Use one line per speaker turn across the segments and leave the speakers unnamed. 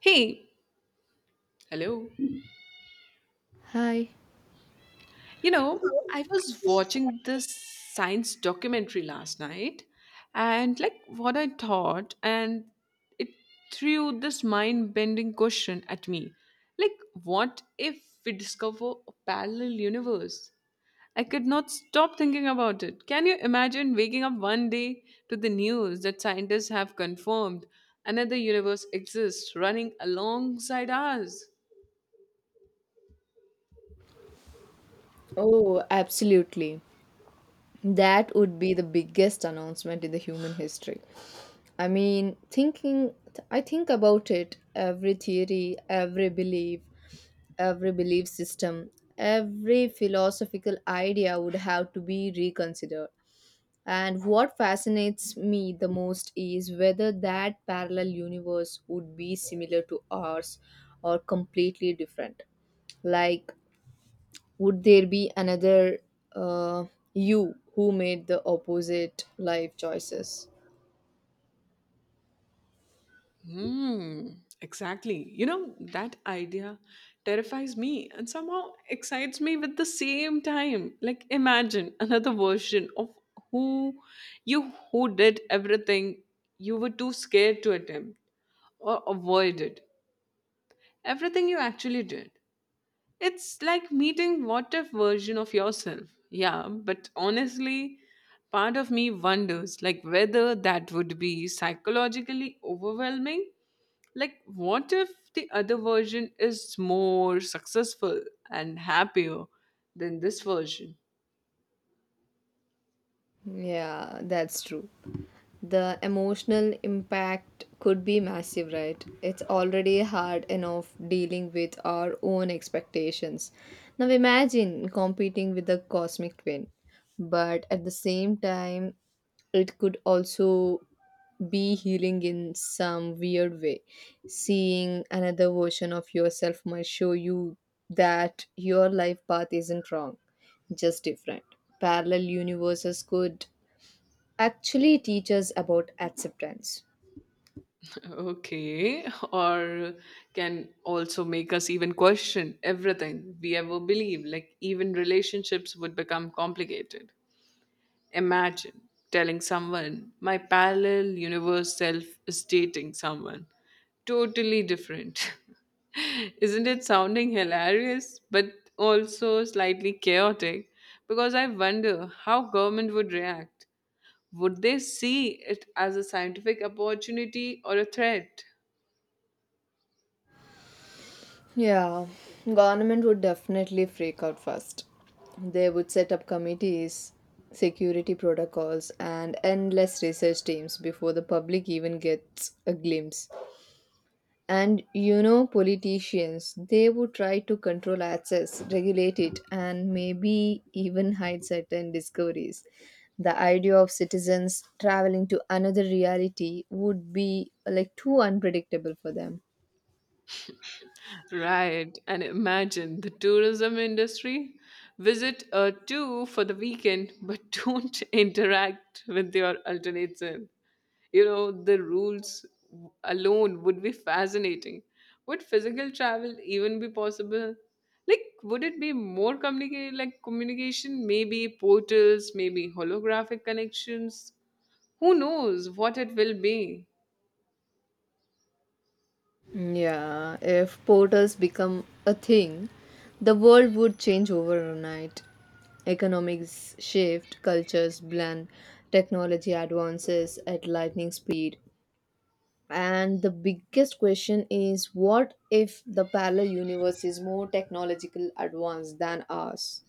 Hey, hello.
Hi.
I was watching this science documentary last night and like what I thought and it threw this mind-bending question at me. Like, what if we discover a parallel universe? I could not stop thinking about it. Can you imagine waking up one day to the news that scientists have confirmed another universe exists running alongside ours?
Oh, absolutely. That would be the biggest announcement in the human history. I mean, I think about it every theory, every belief system, every philosophical idea would have to be reconsidered. And what fascinates me the most is whether that parallel universe would be similar to ours or completely different. Like, would there be another uh, you who made the opposite life choices.
Mm, exactly. That idea terrifies me and somehow excites me with the same time. Like, imagine another version of who you who did everything you were too scared to attempt or avoid it. Everything you actually did. It's like meeting what if version of yourself. Yeah, but honestly, part of me wonders like whether that would be psychologically overwhelming, like, what if the other version is more successful and happier than this version?
Yeah, that's true. The emotional impact could be massive, right? It's already hard enough dealing with our own expectations. Now imagine competing with the cosmic twin, but at the same time, it could also be healing in some weird way. Seeing another version of yourself might show you that your life path isn't wrong, just different. Parallel universes could actually teaches about acceptance.
Okay, or can also make us even question everything we ever believe. Like, even relationships would become complicated. Imagine telling someone my parallel universe self is dating someone totally different. Isn't it sounding hilarious but also slightly chaotic? Because I wonder how government would react. Would they see it as a scientific opportunity or a threat?
Yeah, government would definitely freak out first. They would set up committees, security protocols, and endless research teams before the public even gets a glimpse. And you know, politicians, they would try to control access, regulate it, and maybe even hide certain discoveries. The idea of citizens traveling to another reality would be like too unpredictable for them.
Right, and imagine the tourism industry. Visit a two for the weekend, but don't interact with your alternate self. You know, the rules alone would be fascinating. Would physical travel even be possible? Like, would it be more communicated, like communication, maybe portals, maybe holographic connections? Who knows what it will be?
Yeah, if portals become a thing, the world would change overnight. Economics shift, cultures blend, technology advances at lightning speed. And the biggest question is what if the parallel universe is more technological advanced than us?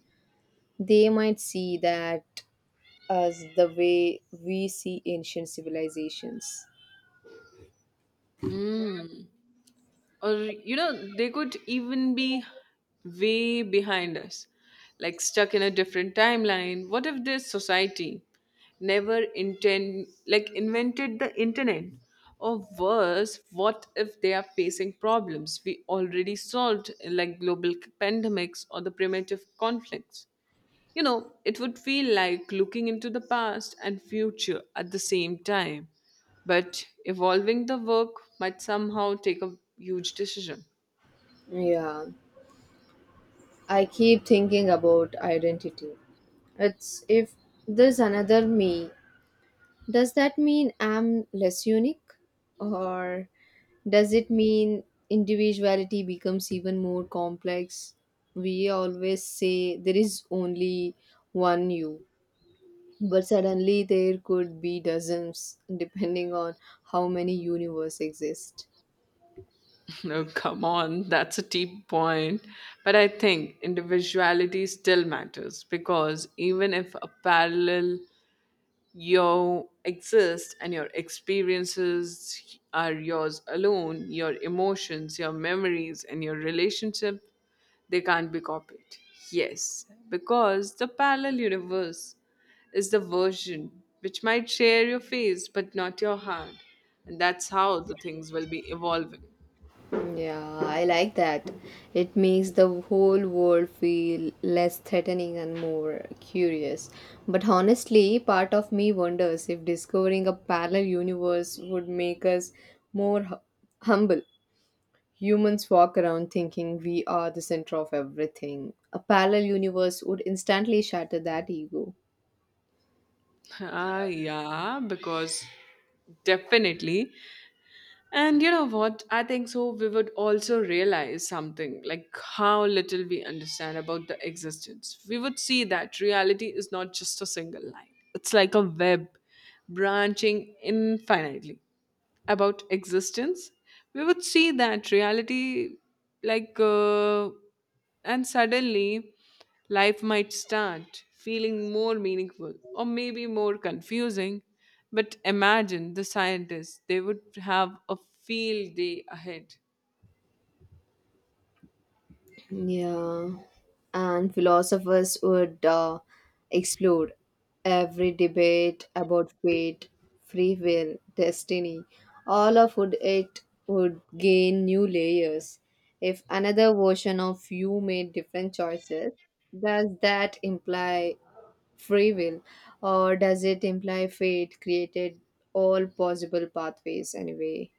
They might see that as the way we see ancient civilizations.
hmm or, they could even be way behind us, like stuck in a different timeline. What if this society never intend like invented the internet? Or worse, what if they are facing problems we already solved, like global pandemics or the primitive conflicts? It would feel like looking into the past and future at the same time. But evolving the work might somehow take a huge decision.
Yeah, I keep thinking about identity. It's if there's another me. Does that mean I'm less unique? Or does it mean individuality becomes even more complex? We always say there is only one you, but suddenly there could be dozens, depending on how many universe exist.
No, come on, that's a deep point. But I think individuality still matters, because even if a parallel you exist and your experiences are yours alone, your emotions, your memories, and your relationship, they can't be copied. Yes, because the parallel universe is the version which might share your face but not your heart. And that's how the things will be evolving.
Yeah, I like that. It makes the whole world feel less threatening and more curious. But honestly, part of me wonders if discovering a parallel universe would make us more humble. Humans walk around thinking we are the center of everything. A parallel universe would instantly shatter that ego.
Yeah, because definitely. And you know what? I think so. We would also realize something like how little we understand about the existence. We would see that reality is not just a single line, it's like a web branching infinitely about existence. We would see that reality, like, and suddenly life might start feeling more meaningful or maybe more confusing. But imagine the scientists, they would have a field day ahead.
Yeah, and philosophers would explode every debate about fate, free will, destiny. All of would it would gain new layers. If another version of you made different choices, does that imply free will, or does it imply fate created all possible pathways anyway?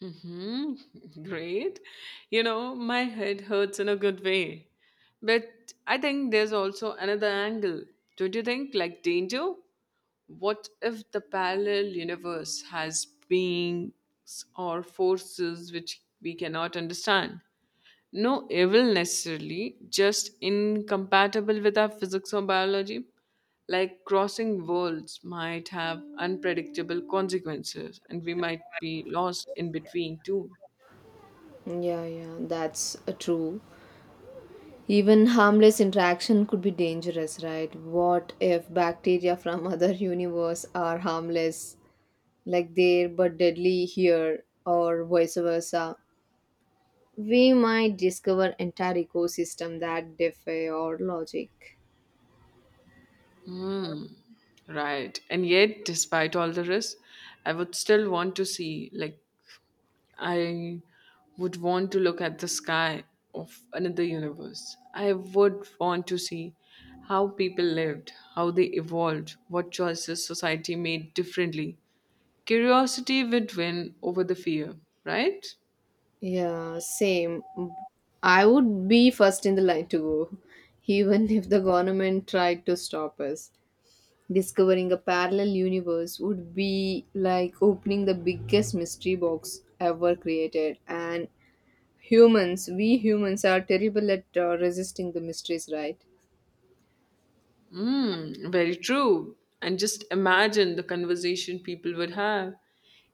Mm-hmm. Great. My head hurts in a good way. But I think there's also another angle. Don't you think? Like danger? What if the parallel universe has beings or forces which we cannot understand? No evil necessarily, just incompatible with our physics or biology. Like, crossing worlds might have unpredictable consequences, and we might be lost in between too.
Yeah, yeah, that's true. Even harmless interaction could be dangerous, right? What if bacteria from other universe are harmless, like there but deadly here, or vice versa? We might discover entire ecosystem that defy our logic.
Hmm. Right. And yet, despite all the risks, I would still want to see, like, I would want to look at the sky of another universe. I would want to see how people lived, how they evolved, what choices society made differently. Curiosity would win over the fear, right?
Yeah, same. I would be first in the line to go, even if the government tried to stop us. Discovering a parallel universe would be like opening the biggest mystery box ever created. And humans, we humans are terrible at resisting the mysteries, right?
Mm, very true. And just imagine the conversation people would have.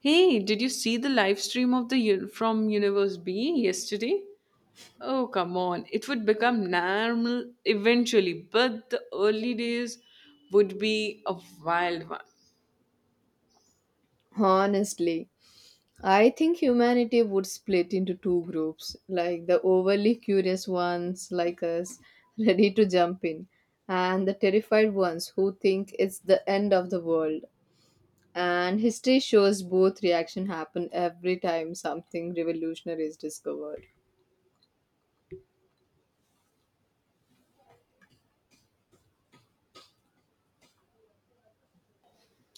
Hey, did you see the live stream of the from Universe B yesterday? Oh, come on. It would become normal eventually, but the early days would be a wild one.
Honestly, I think humanity would split into two groups like the overly curious ones, like us, ready to jump in, and the terrified ones who think it's the end of the world. And history shows both reaction happen every time something revolutionary is discovered.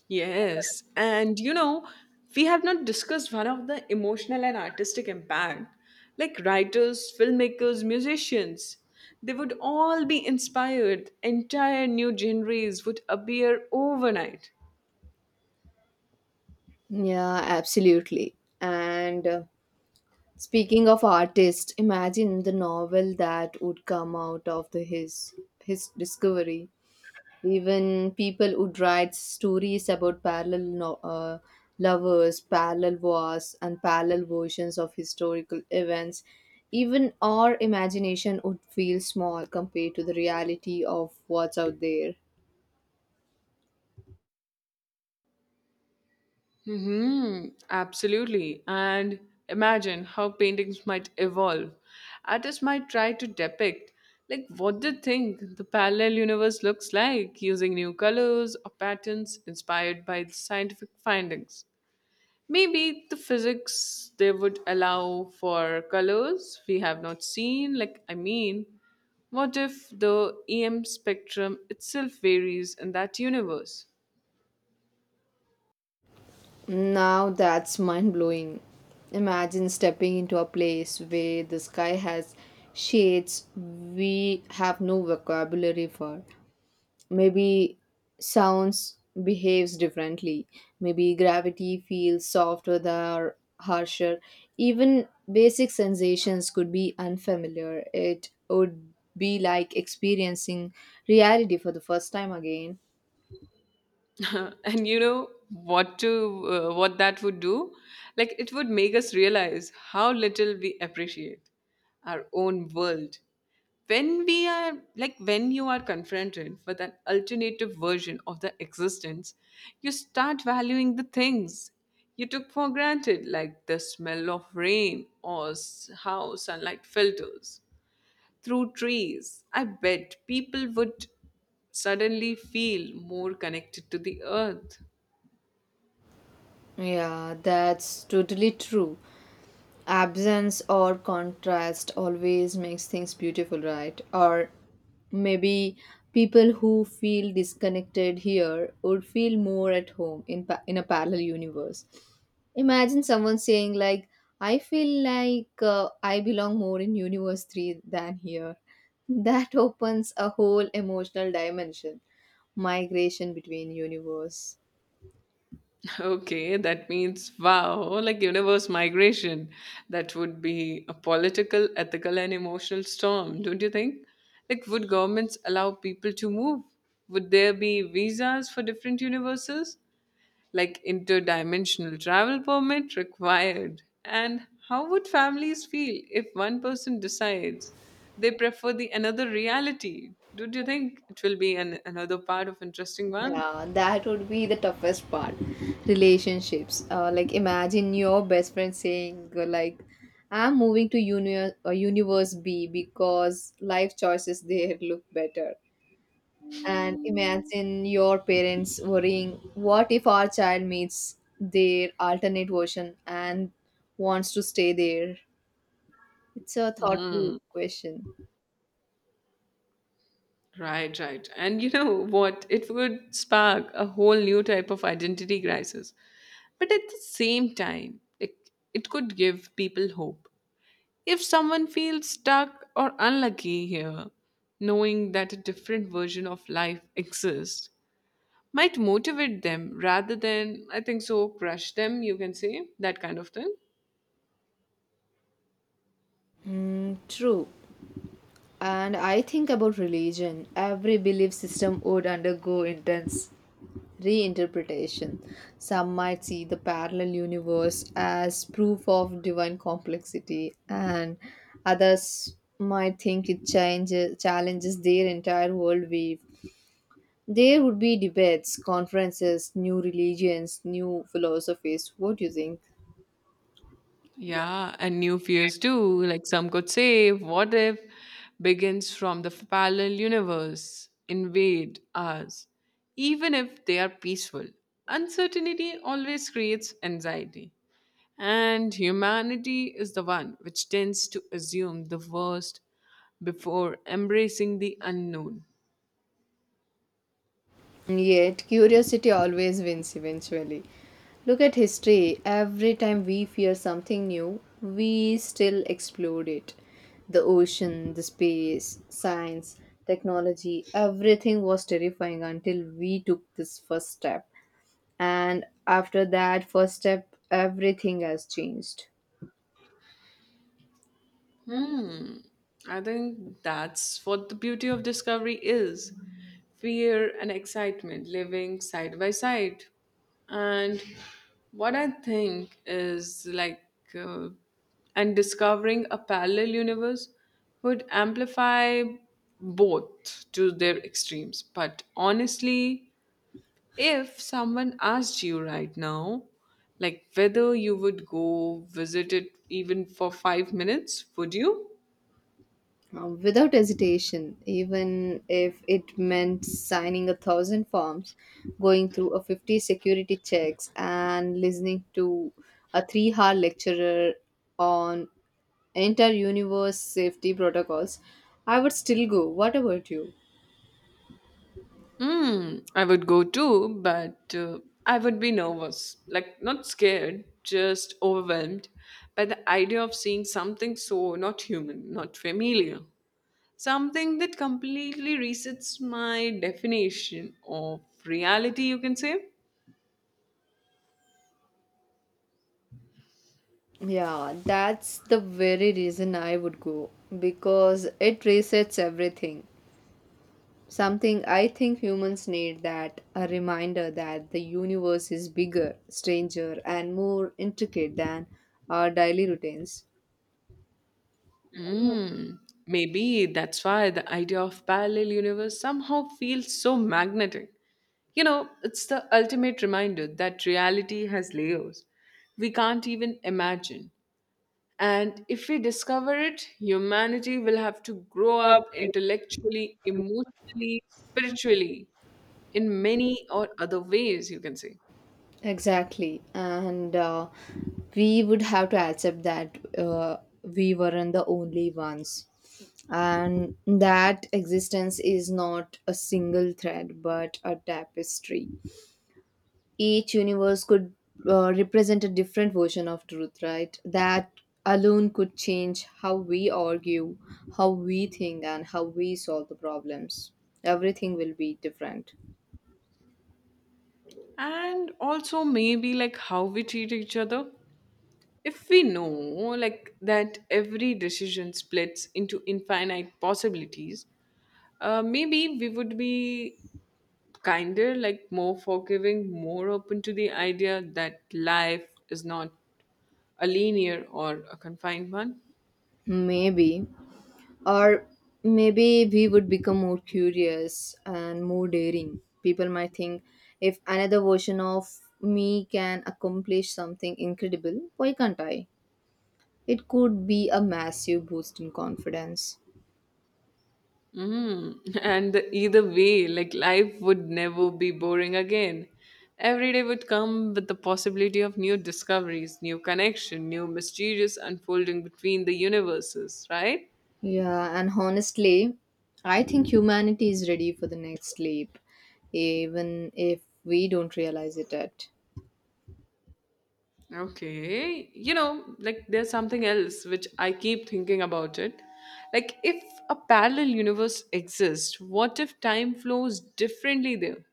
Yes, and we have not discussed one of the emotional and artistic impact. Like writers, filmmakers, musicians, they would all be inspired. Entire new genres would appear overnight.
Yeah, absolutely. And speaking of artists, imagine the novel that would come out of the his discovery. Even people would write stories about parallel lovers, parallel wars, and parallel versions of historical events. Even our imagination would feel small compared to the reality of what's out there.
Mm-hmm, absolutely. And imagine how paintings might evolve. Artists might try to depict, like, what they think the parallel universe looks like using new colors or patterns inspired by the scientific findings. Maybe the physics they would allow for colors we have not seen. Like, I mean, what if the EM spectrum itself varies in that universe?
Now that's mind blowing. Imagine stepping into a place where the sky has shades we have no vocabulary for. Maybe sounds behaves differently, maybe gravity feels softer than or harsher, even basic sensations could be unfamiliar. It would be like experiencing reality for the first time again.
And you know what to what that would do, like it would make us realize how little we appreciate our own world when we are like when you are confronted with an alternative version of the existence, you start valuing the things you took for granted, like the smell of rain, or how sunlight filters through trees. I bet people would suddenly feel more connected to the earth.
Yeah, that's totally true. Absence or contrast always makes things beautiful, right? Or maybe people who feel disconnected here would feel more at home in in a parallel universe. Imagine someone saying like, I feel like I belong more in universe 3 than here. That opens a whole emotional dimension, migration between universe.
Okay, that means wow, like universe migration. That would be a political, ethical, and emotional storm, don't you think? Like, would governments allow people to move? Would there be visas for different universes? Like interdimensional travel permit required. And how would families feel if one person decides they prefer the another reality? Do you think it will be another part of interesting one?
Yeah, that would be the toughest part. Relationships. Like imagine your best friend saying like, "I'm moving to universe B because life choices there look better." And imagine your parents worrying, "What if our child meets their alternate version and wants to stay there?" It's a thoughtful
Mm,
question.
right, right. And you know what? It would spark a whole new type of identity crisis. But at the same time, it could give people hope. If someone feels stuck or unlucky here, knowing that a different version of life exists might motivate them rather than, I think so, crush them, you can say, that kind of thing.
Mm, true. And I think about religion. Every belief system would undergo intense reinterpretation. Some might see the parallel universe as proof of divine complexity, and others might think it changes, challenges their entire worldview. There would be debates, conferences, new religions, new philosophies. What do you think?
Yeah, and new fears too, like some could say, what if begins from the parallel universe, invade us, even if they are peaceful. Uncertainty always creates anxiety, and humanity is the one which tends to assume the worst before embracing the unknown.
Yet, curiosity always wins eventually. Look at history. Every time we fear something new, we still explore it. The ocean, the space, science, technology, everything was terrifying until we took this first step. And after that first step, everything has changed.
Hmm. I think that's what the beauty of discovery is, fear and excitement living side by side. And what I think is, like, uh, and discovering a parallel universe would amplify both to their extremes. But honestly, if someone asked you right now, like whether you would go visit it even for 5 minutes, would you?
Without hesitation, even if it meant signing 1,000 forms, going through a 50 security checks, and listening to a 3-hour lecturer on inter universe safety protocols, I would still go. What about you?
Mm, I would go too, but I would be nervous. Like, not scared, just overwhelmed by the idea of seeing something so not human, not familiar. Something that completely resets my definition of reality, you can say.
Yeah, that's the very reason I would go because it resets everything. Something I think humans need that a reminder that the universe is bigger, stranger, and more intricate than our daily routines.
Mm, maybe that's why the idea of parallel universe somehow feels so magnetic. It's the ultimate reminder that reality has layers we can't even imagine. And if we discover it, humanity will have to grow up intellectually, emotionally, spiritually, in many or other ways, you can say.
Exactly. And we would have to accept that we weren't the only ones. And that existence is not a single thread but a tapestry. Each universe could represent a different version of truth, right? That alone could change how we argue, how we think, and how we solve the problems. Everything will be different.
And also, maybe like how we treat each other. If we know like that every decision splits into infinite possibilities, maybe we would be kinder, like more forgiving, more open to the idea that life is not a linear or a confined one.
Maybe. Or maybe we would become more curious and more daring. People might think, if another version of me can accomplish something incredible, why can't I? It could be a massive boost in confidence.
Mm. And either way, like life would never be boring again. Every day would come with the possibility of new discoveries, new connection, new mysterious unfolding between the universes, right?
Yeah, and honestly, I think humanity is ready for the next leap, even if we don't realize it yet.
Okay. Like, there's something else which I keep thinking about it. Like if a parallel universe exists, what if time flows differently there?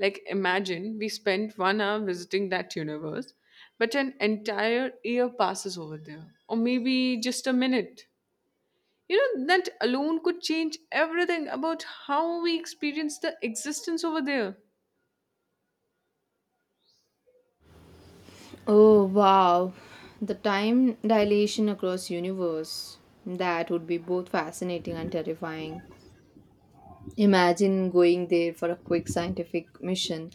Like, imagine we spent 1 hour visiting that universe, but an entire year passes over there, or maybe just a minute. That alone could change everything about how we experience the existence over there.
Oh wow, the time dilation across universe. That would be both fascinating and terrifying. Imagine going there for a quick scientific mission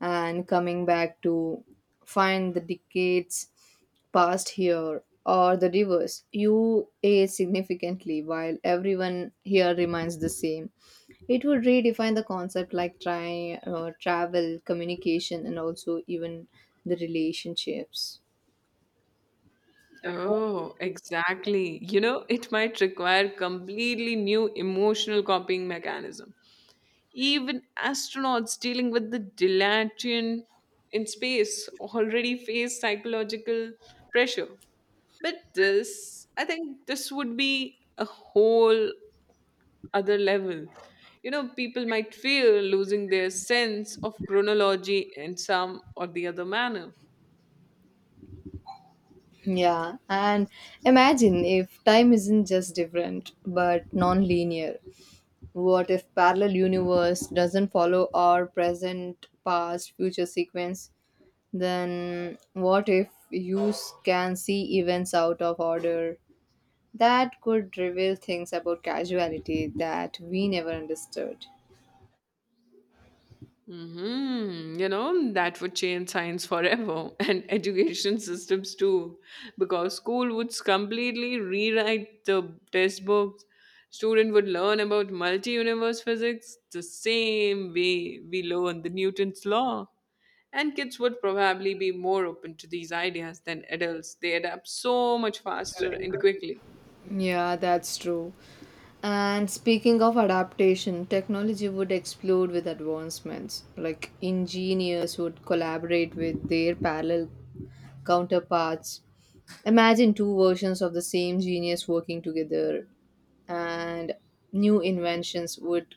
and coming back to find the decades passed here or the rivers. You age significantly while everyone here remains the same. It would redefine the concept like travel, communication, and also even the relationships.
Oh, exactly. It might require completely new emotional coping mechanism. Even astronauts dealing with the dilation in space already face psychological pressure. But this, I think this would be a whole other level. People might fear losing their sense of chronology in some or the other manner.
Yeah, and imagine if time isn't just different but non linear. What if parallel universe doesn't follow our present, past, future sequence? Then what if you can see events out of order? That could reveal things about causality that we never understood.
That would change science forever and education systems too, because school would completely rewrite the test books. Student would learn about multi-universe physics the same way we learn the Newton's law. And kids would probably be more open to these ideas than adults. They adapt so much faster and quickly.
Yeah, that's true. And speaking of adaptation, technology would explode with advancements. Like engineers would collaborate with their parallel counterparts. Imagine two versions of the same genius working together, and new inventions would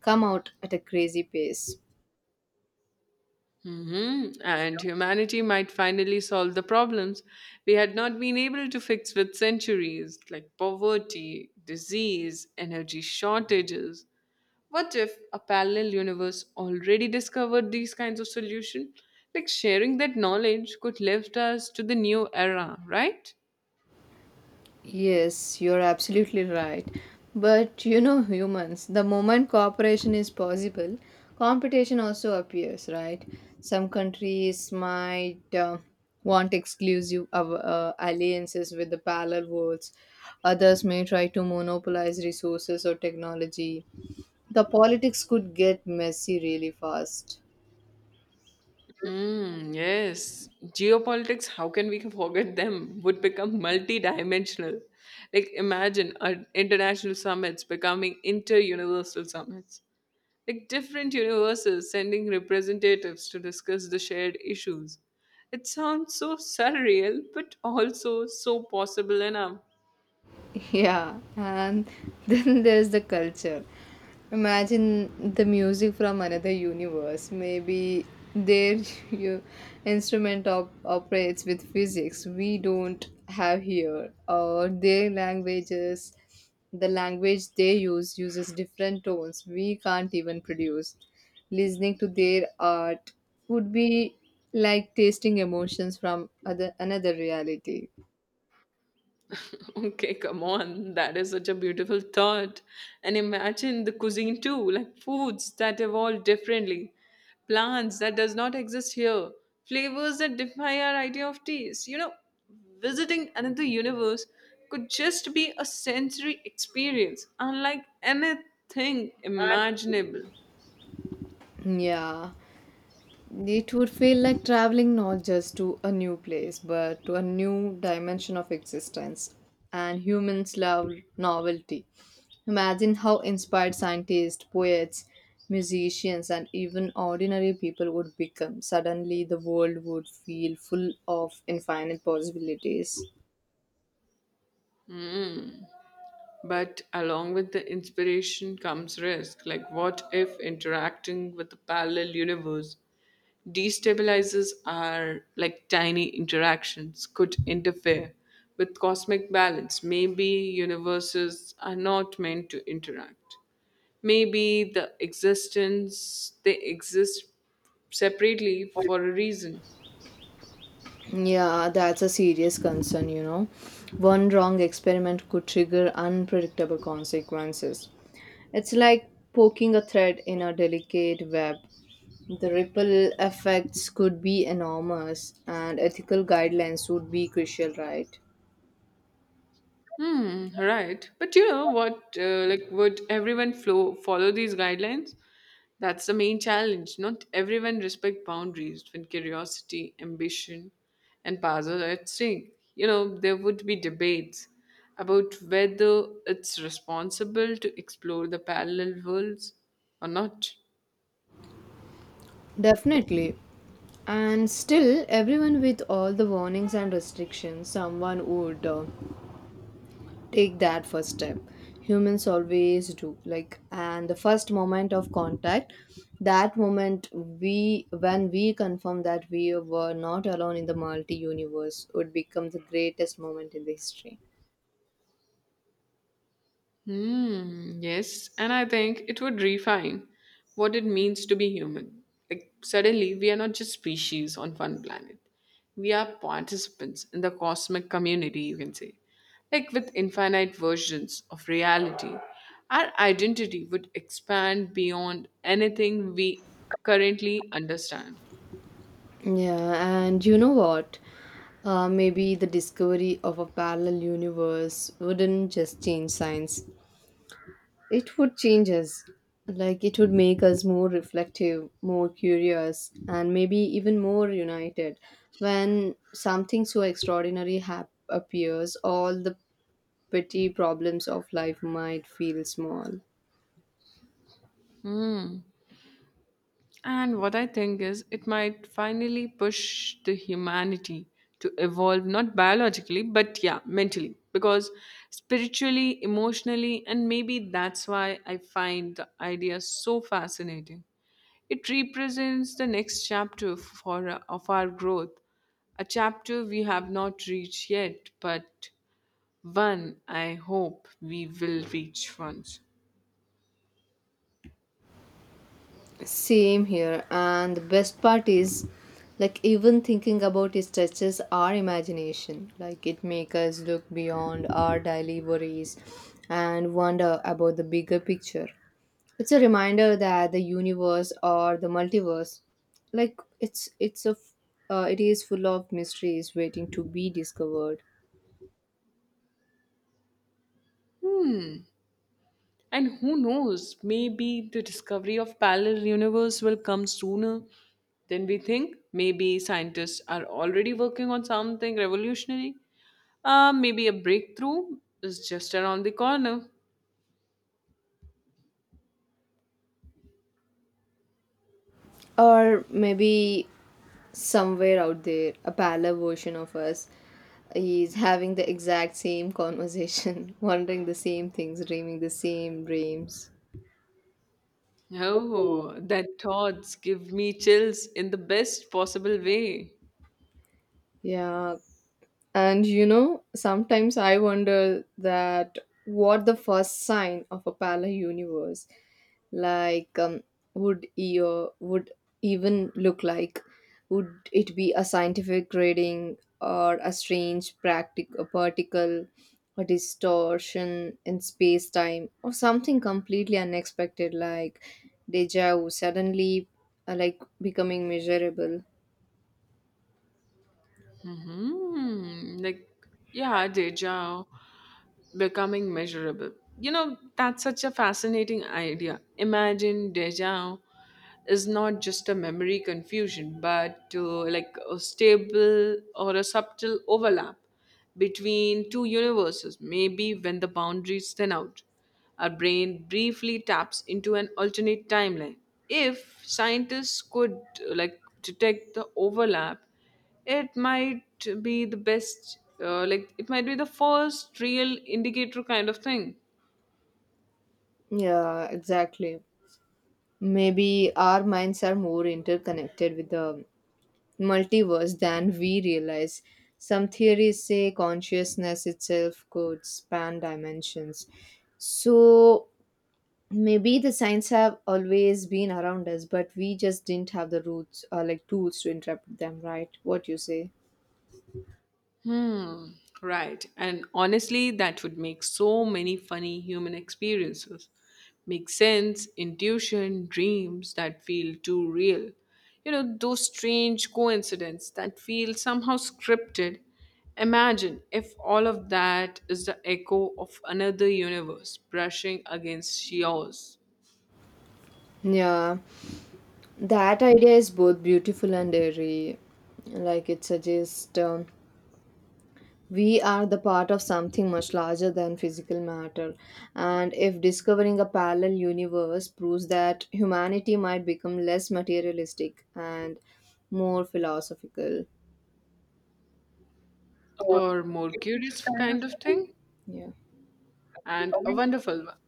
come out at a crazy pace.
And humanity might finally solve the problems we had not been able to fix with centuries, like poverty, disease, energy shortages. What if a parallel universe already discovered these kinds of solutions? Like sharing that knowledge could lift us to the new era, right?
Yes, you're absolutely right. But you know, humans, the moment cooperation is possible, competition also appears, right? Some countries might want exclusive alliances with the parallel worlds, others may try to monopolize resources or technology. The politics could get messy really fast.
Hmm, yes. Geopolitics, how can we forget them, would become multidimensional. Like, imagine international summits becoming inter universal summits. Like, different universes sending representatives to discuss the shared issues. It sounds so surreal, but also so possible enough.
Yeah, and then there's the culture. Imagine the music from another universe. Maybe their u- instrument operates with physics we don't have here, or their languages, the language they use uses different tones we can't even produce. Listening to their art would be like tasting emotions from other another reality.
Okay, come on. That is such a beautiful thought. And imagine the cuisine too, like foods that evolve differently, plants that does not exist here, flavors that defy our idea of taste. Visiting another universe could just be a sensory experience, unlike anything imaginable.
Yeah. It would feel like traveling not just to a new place, but to a new dimension of existence. And humans love novelty. Imagine how inspired scientists, poets, musicians, and even ordinary people would become. Suddenly, the world would feel full of infinite possibilities.
But along with the inspiration comes risk. Like, what if interacting with the parallel universe destabilizes are like tiny interactions could interfere with cosmic balance. Maybe universes are not meant to interact. Maybe the existence they exist separately for a reason.
Yeah, that's a serious concern, you know. One wrong experiment could trigger unpredictable consequences. It's like poking a thread in a delicate web. The ripple effects could be enormous, and ethical guidelines would be crucial, right?
Hmm, right. But you know what? Like, would everyone follow these guidelines? That's the main challenge. Not everyone respect boundaries when curiosity, ambition, and powers are at stake. There would be debates about whether it's responsible to explore the parallel worlds or not.
Definitely. And still, everyone with all the warnings and restrictions, someone would take that first step. Humans always do, like, and the first moment of contact, that moment we when we confirm that we were not alone in the multi universe would become the greatest moment in the history.
Hmm, yes, and I think it would refine what it means to be human. Like, suddenly, we are not just species on one planet, we are participants in the cosmic community, you can say. Like, with infinite versions of reality, our identity would expand beyond anything we currently understand.
Yeah, and you know what, maybe the discovery of a parallel universe wouldn't just change science. It would change us. Like it would make us more reflective, more curious, and maybe even more united. When something so extraordinary appears, all the petty problems of life might feel small.
And what I think is, it might finally push the humanity to evolve, not biologically, but yeah, mentally. Because spiritually, emotionally, and maybe that's why I find the idea so fascinating. It represents the next chapter for, of our growth, a chapter we have not reached yet, but one I hope we will reach once.
Same here. And the best part is, like, even thinking about it stretches our imagination. Like, it makes us look beyond our daily worries and wonder about the bigger picture. It's a reminder that the universe or the multiverse, like, it is full of mysteries waiting to be discovered.
Hmm. And who knows, maybe the discovery of parallel universe will come sooner than we think. Maybe scientists are already working on something revolutionary. Maybe a breakthrough is just around the corner.
Or maybe somewhere out there, a parallel version of us is having the exact same conversation, wondering the same things, dreaming the same dreams.
Oh, that thoughts give me chills in the best possible way.
Yeah. And you know, sometimes I wonder that what the first sign of a parallel universe, like would EO would even look like? Would it be a scientific grading or a strange a particle, a distortion in space time, or something completely unexpected like deja vu suddenly like becoming measurable?
Like, yeah, deja becoming measurable. That's such a fascinating idea. Imagine deja is not just a memory confusion, but like a stable or a subtle overlap between two universes, maybe when the boundaries thin out. Our brain briefly taps into an alternate timeline. If scientists could like detect the overlap, it might be the first real indicator kind of thing.
Yeah, exactly. Maybe our minds are more interconnected with the multiverse than we realize. Some theories say consciousness itself could span dimensions. So maybe the signs have always been around us, but we just didn't have the roots or like tools to interpret them, right? What you say?
hmm right. And honestly, that would make so many funny human experiences make sense, intuition, dreams that feel too real, you know, those strange coincidences that feel somehow scripted. Imagine if all of that is the echo of another universe brushing against yours.
Yeah, that idea is both beautiful and airy. Like it suggests we are the part of something much larger than physical matter, and if discovering a parallel universe proves that, humanity might become less materialistic and more philosophical.
Or more curious kind of thing.
Yeah.
And a wonderful one.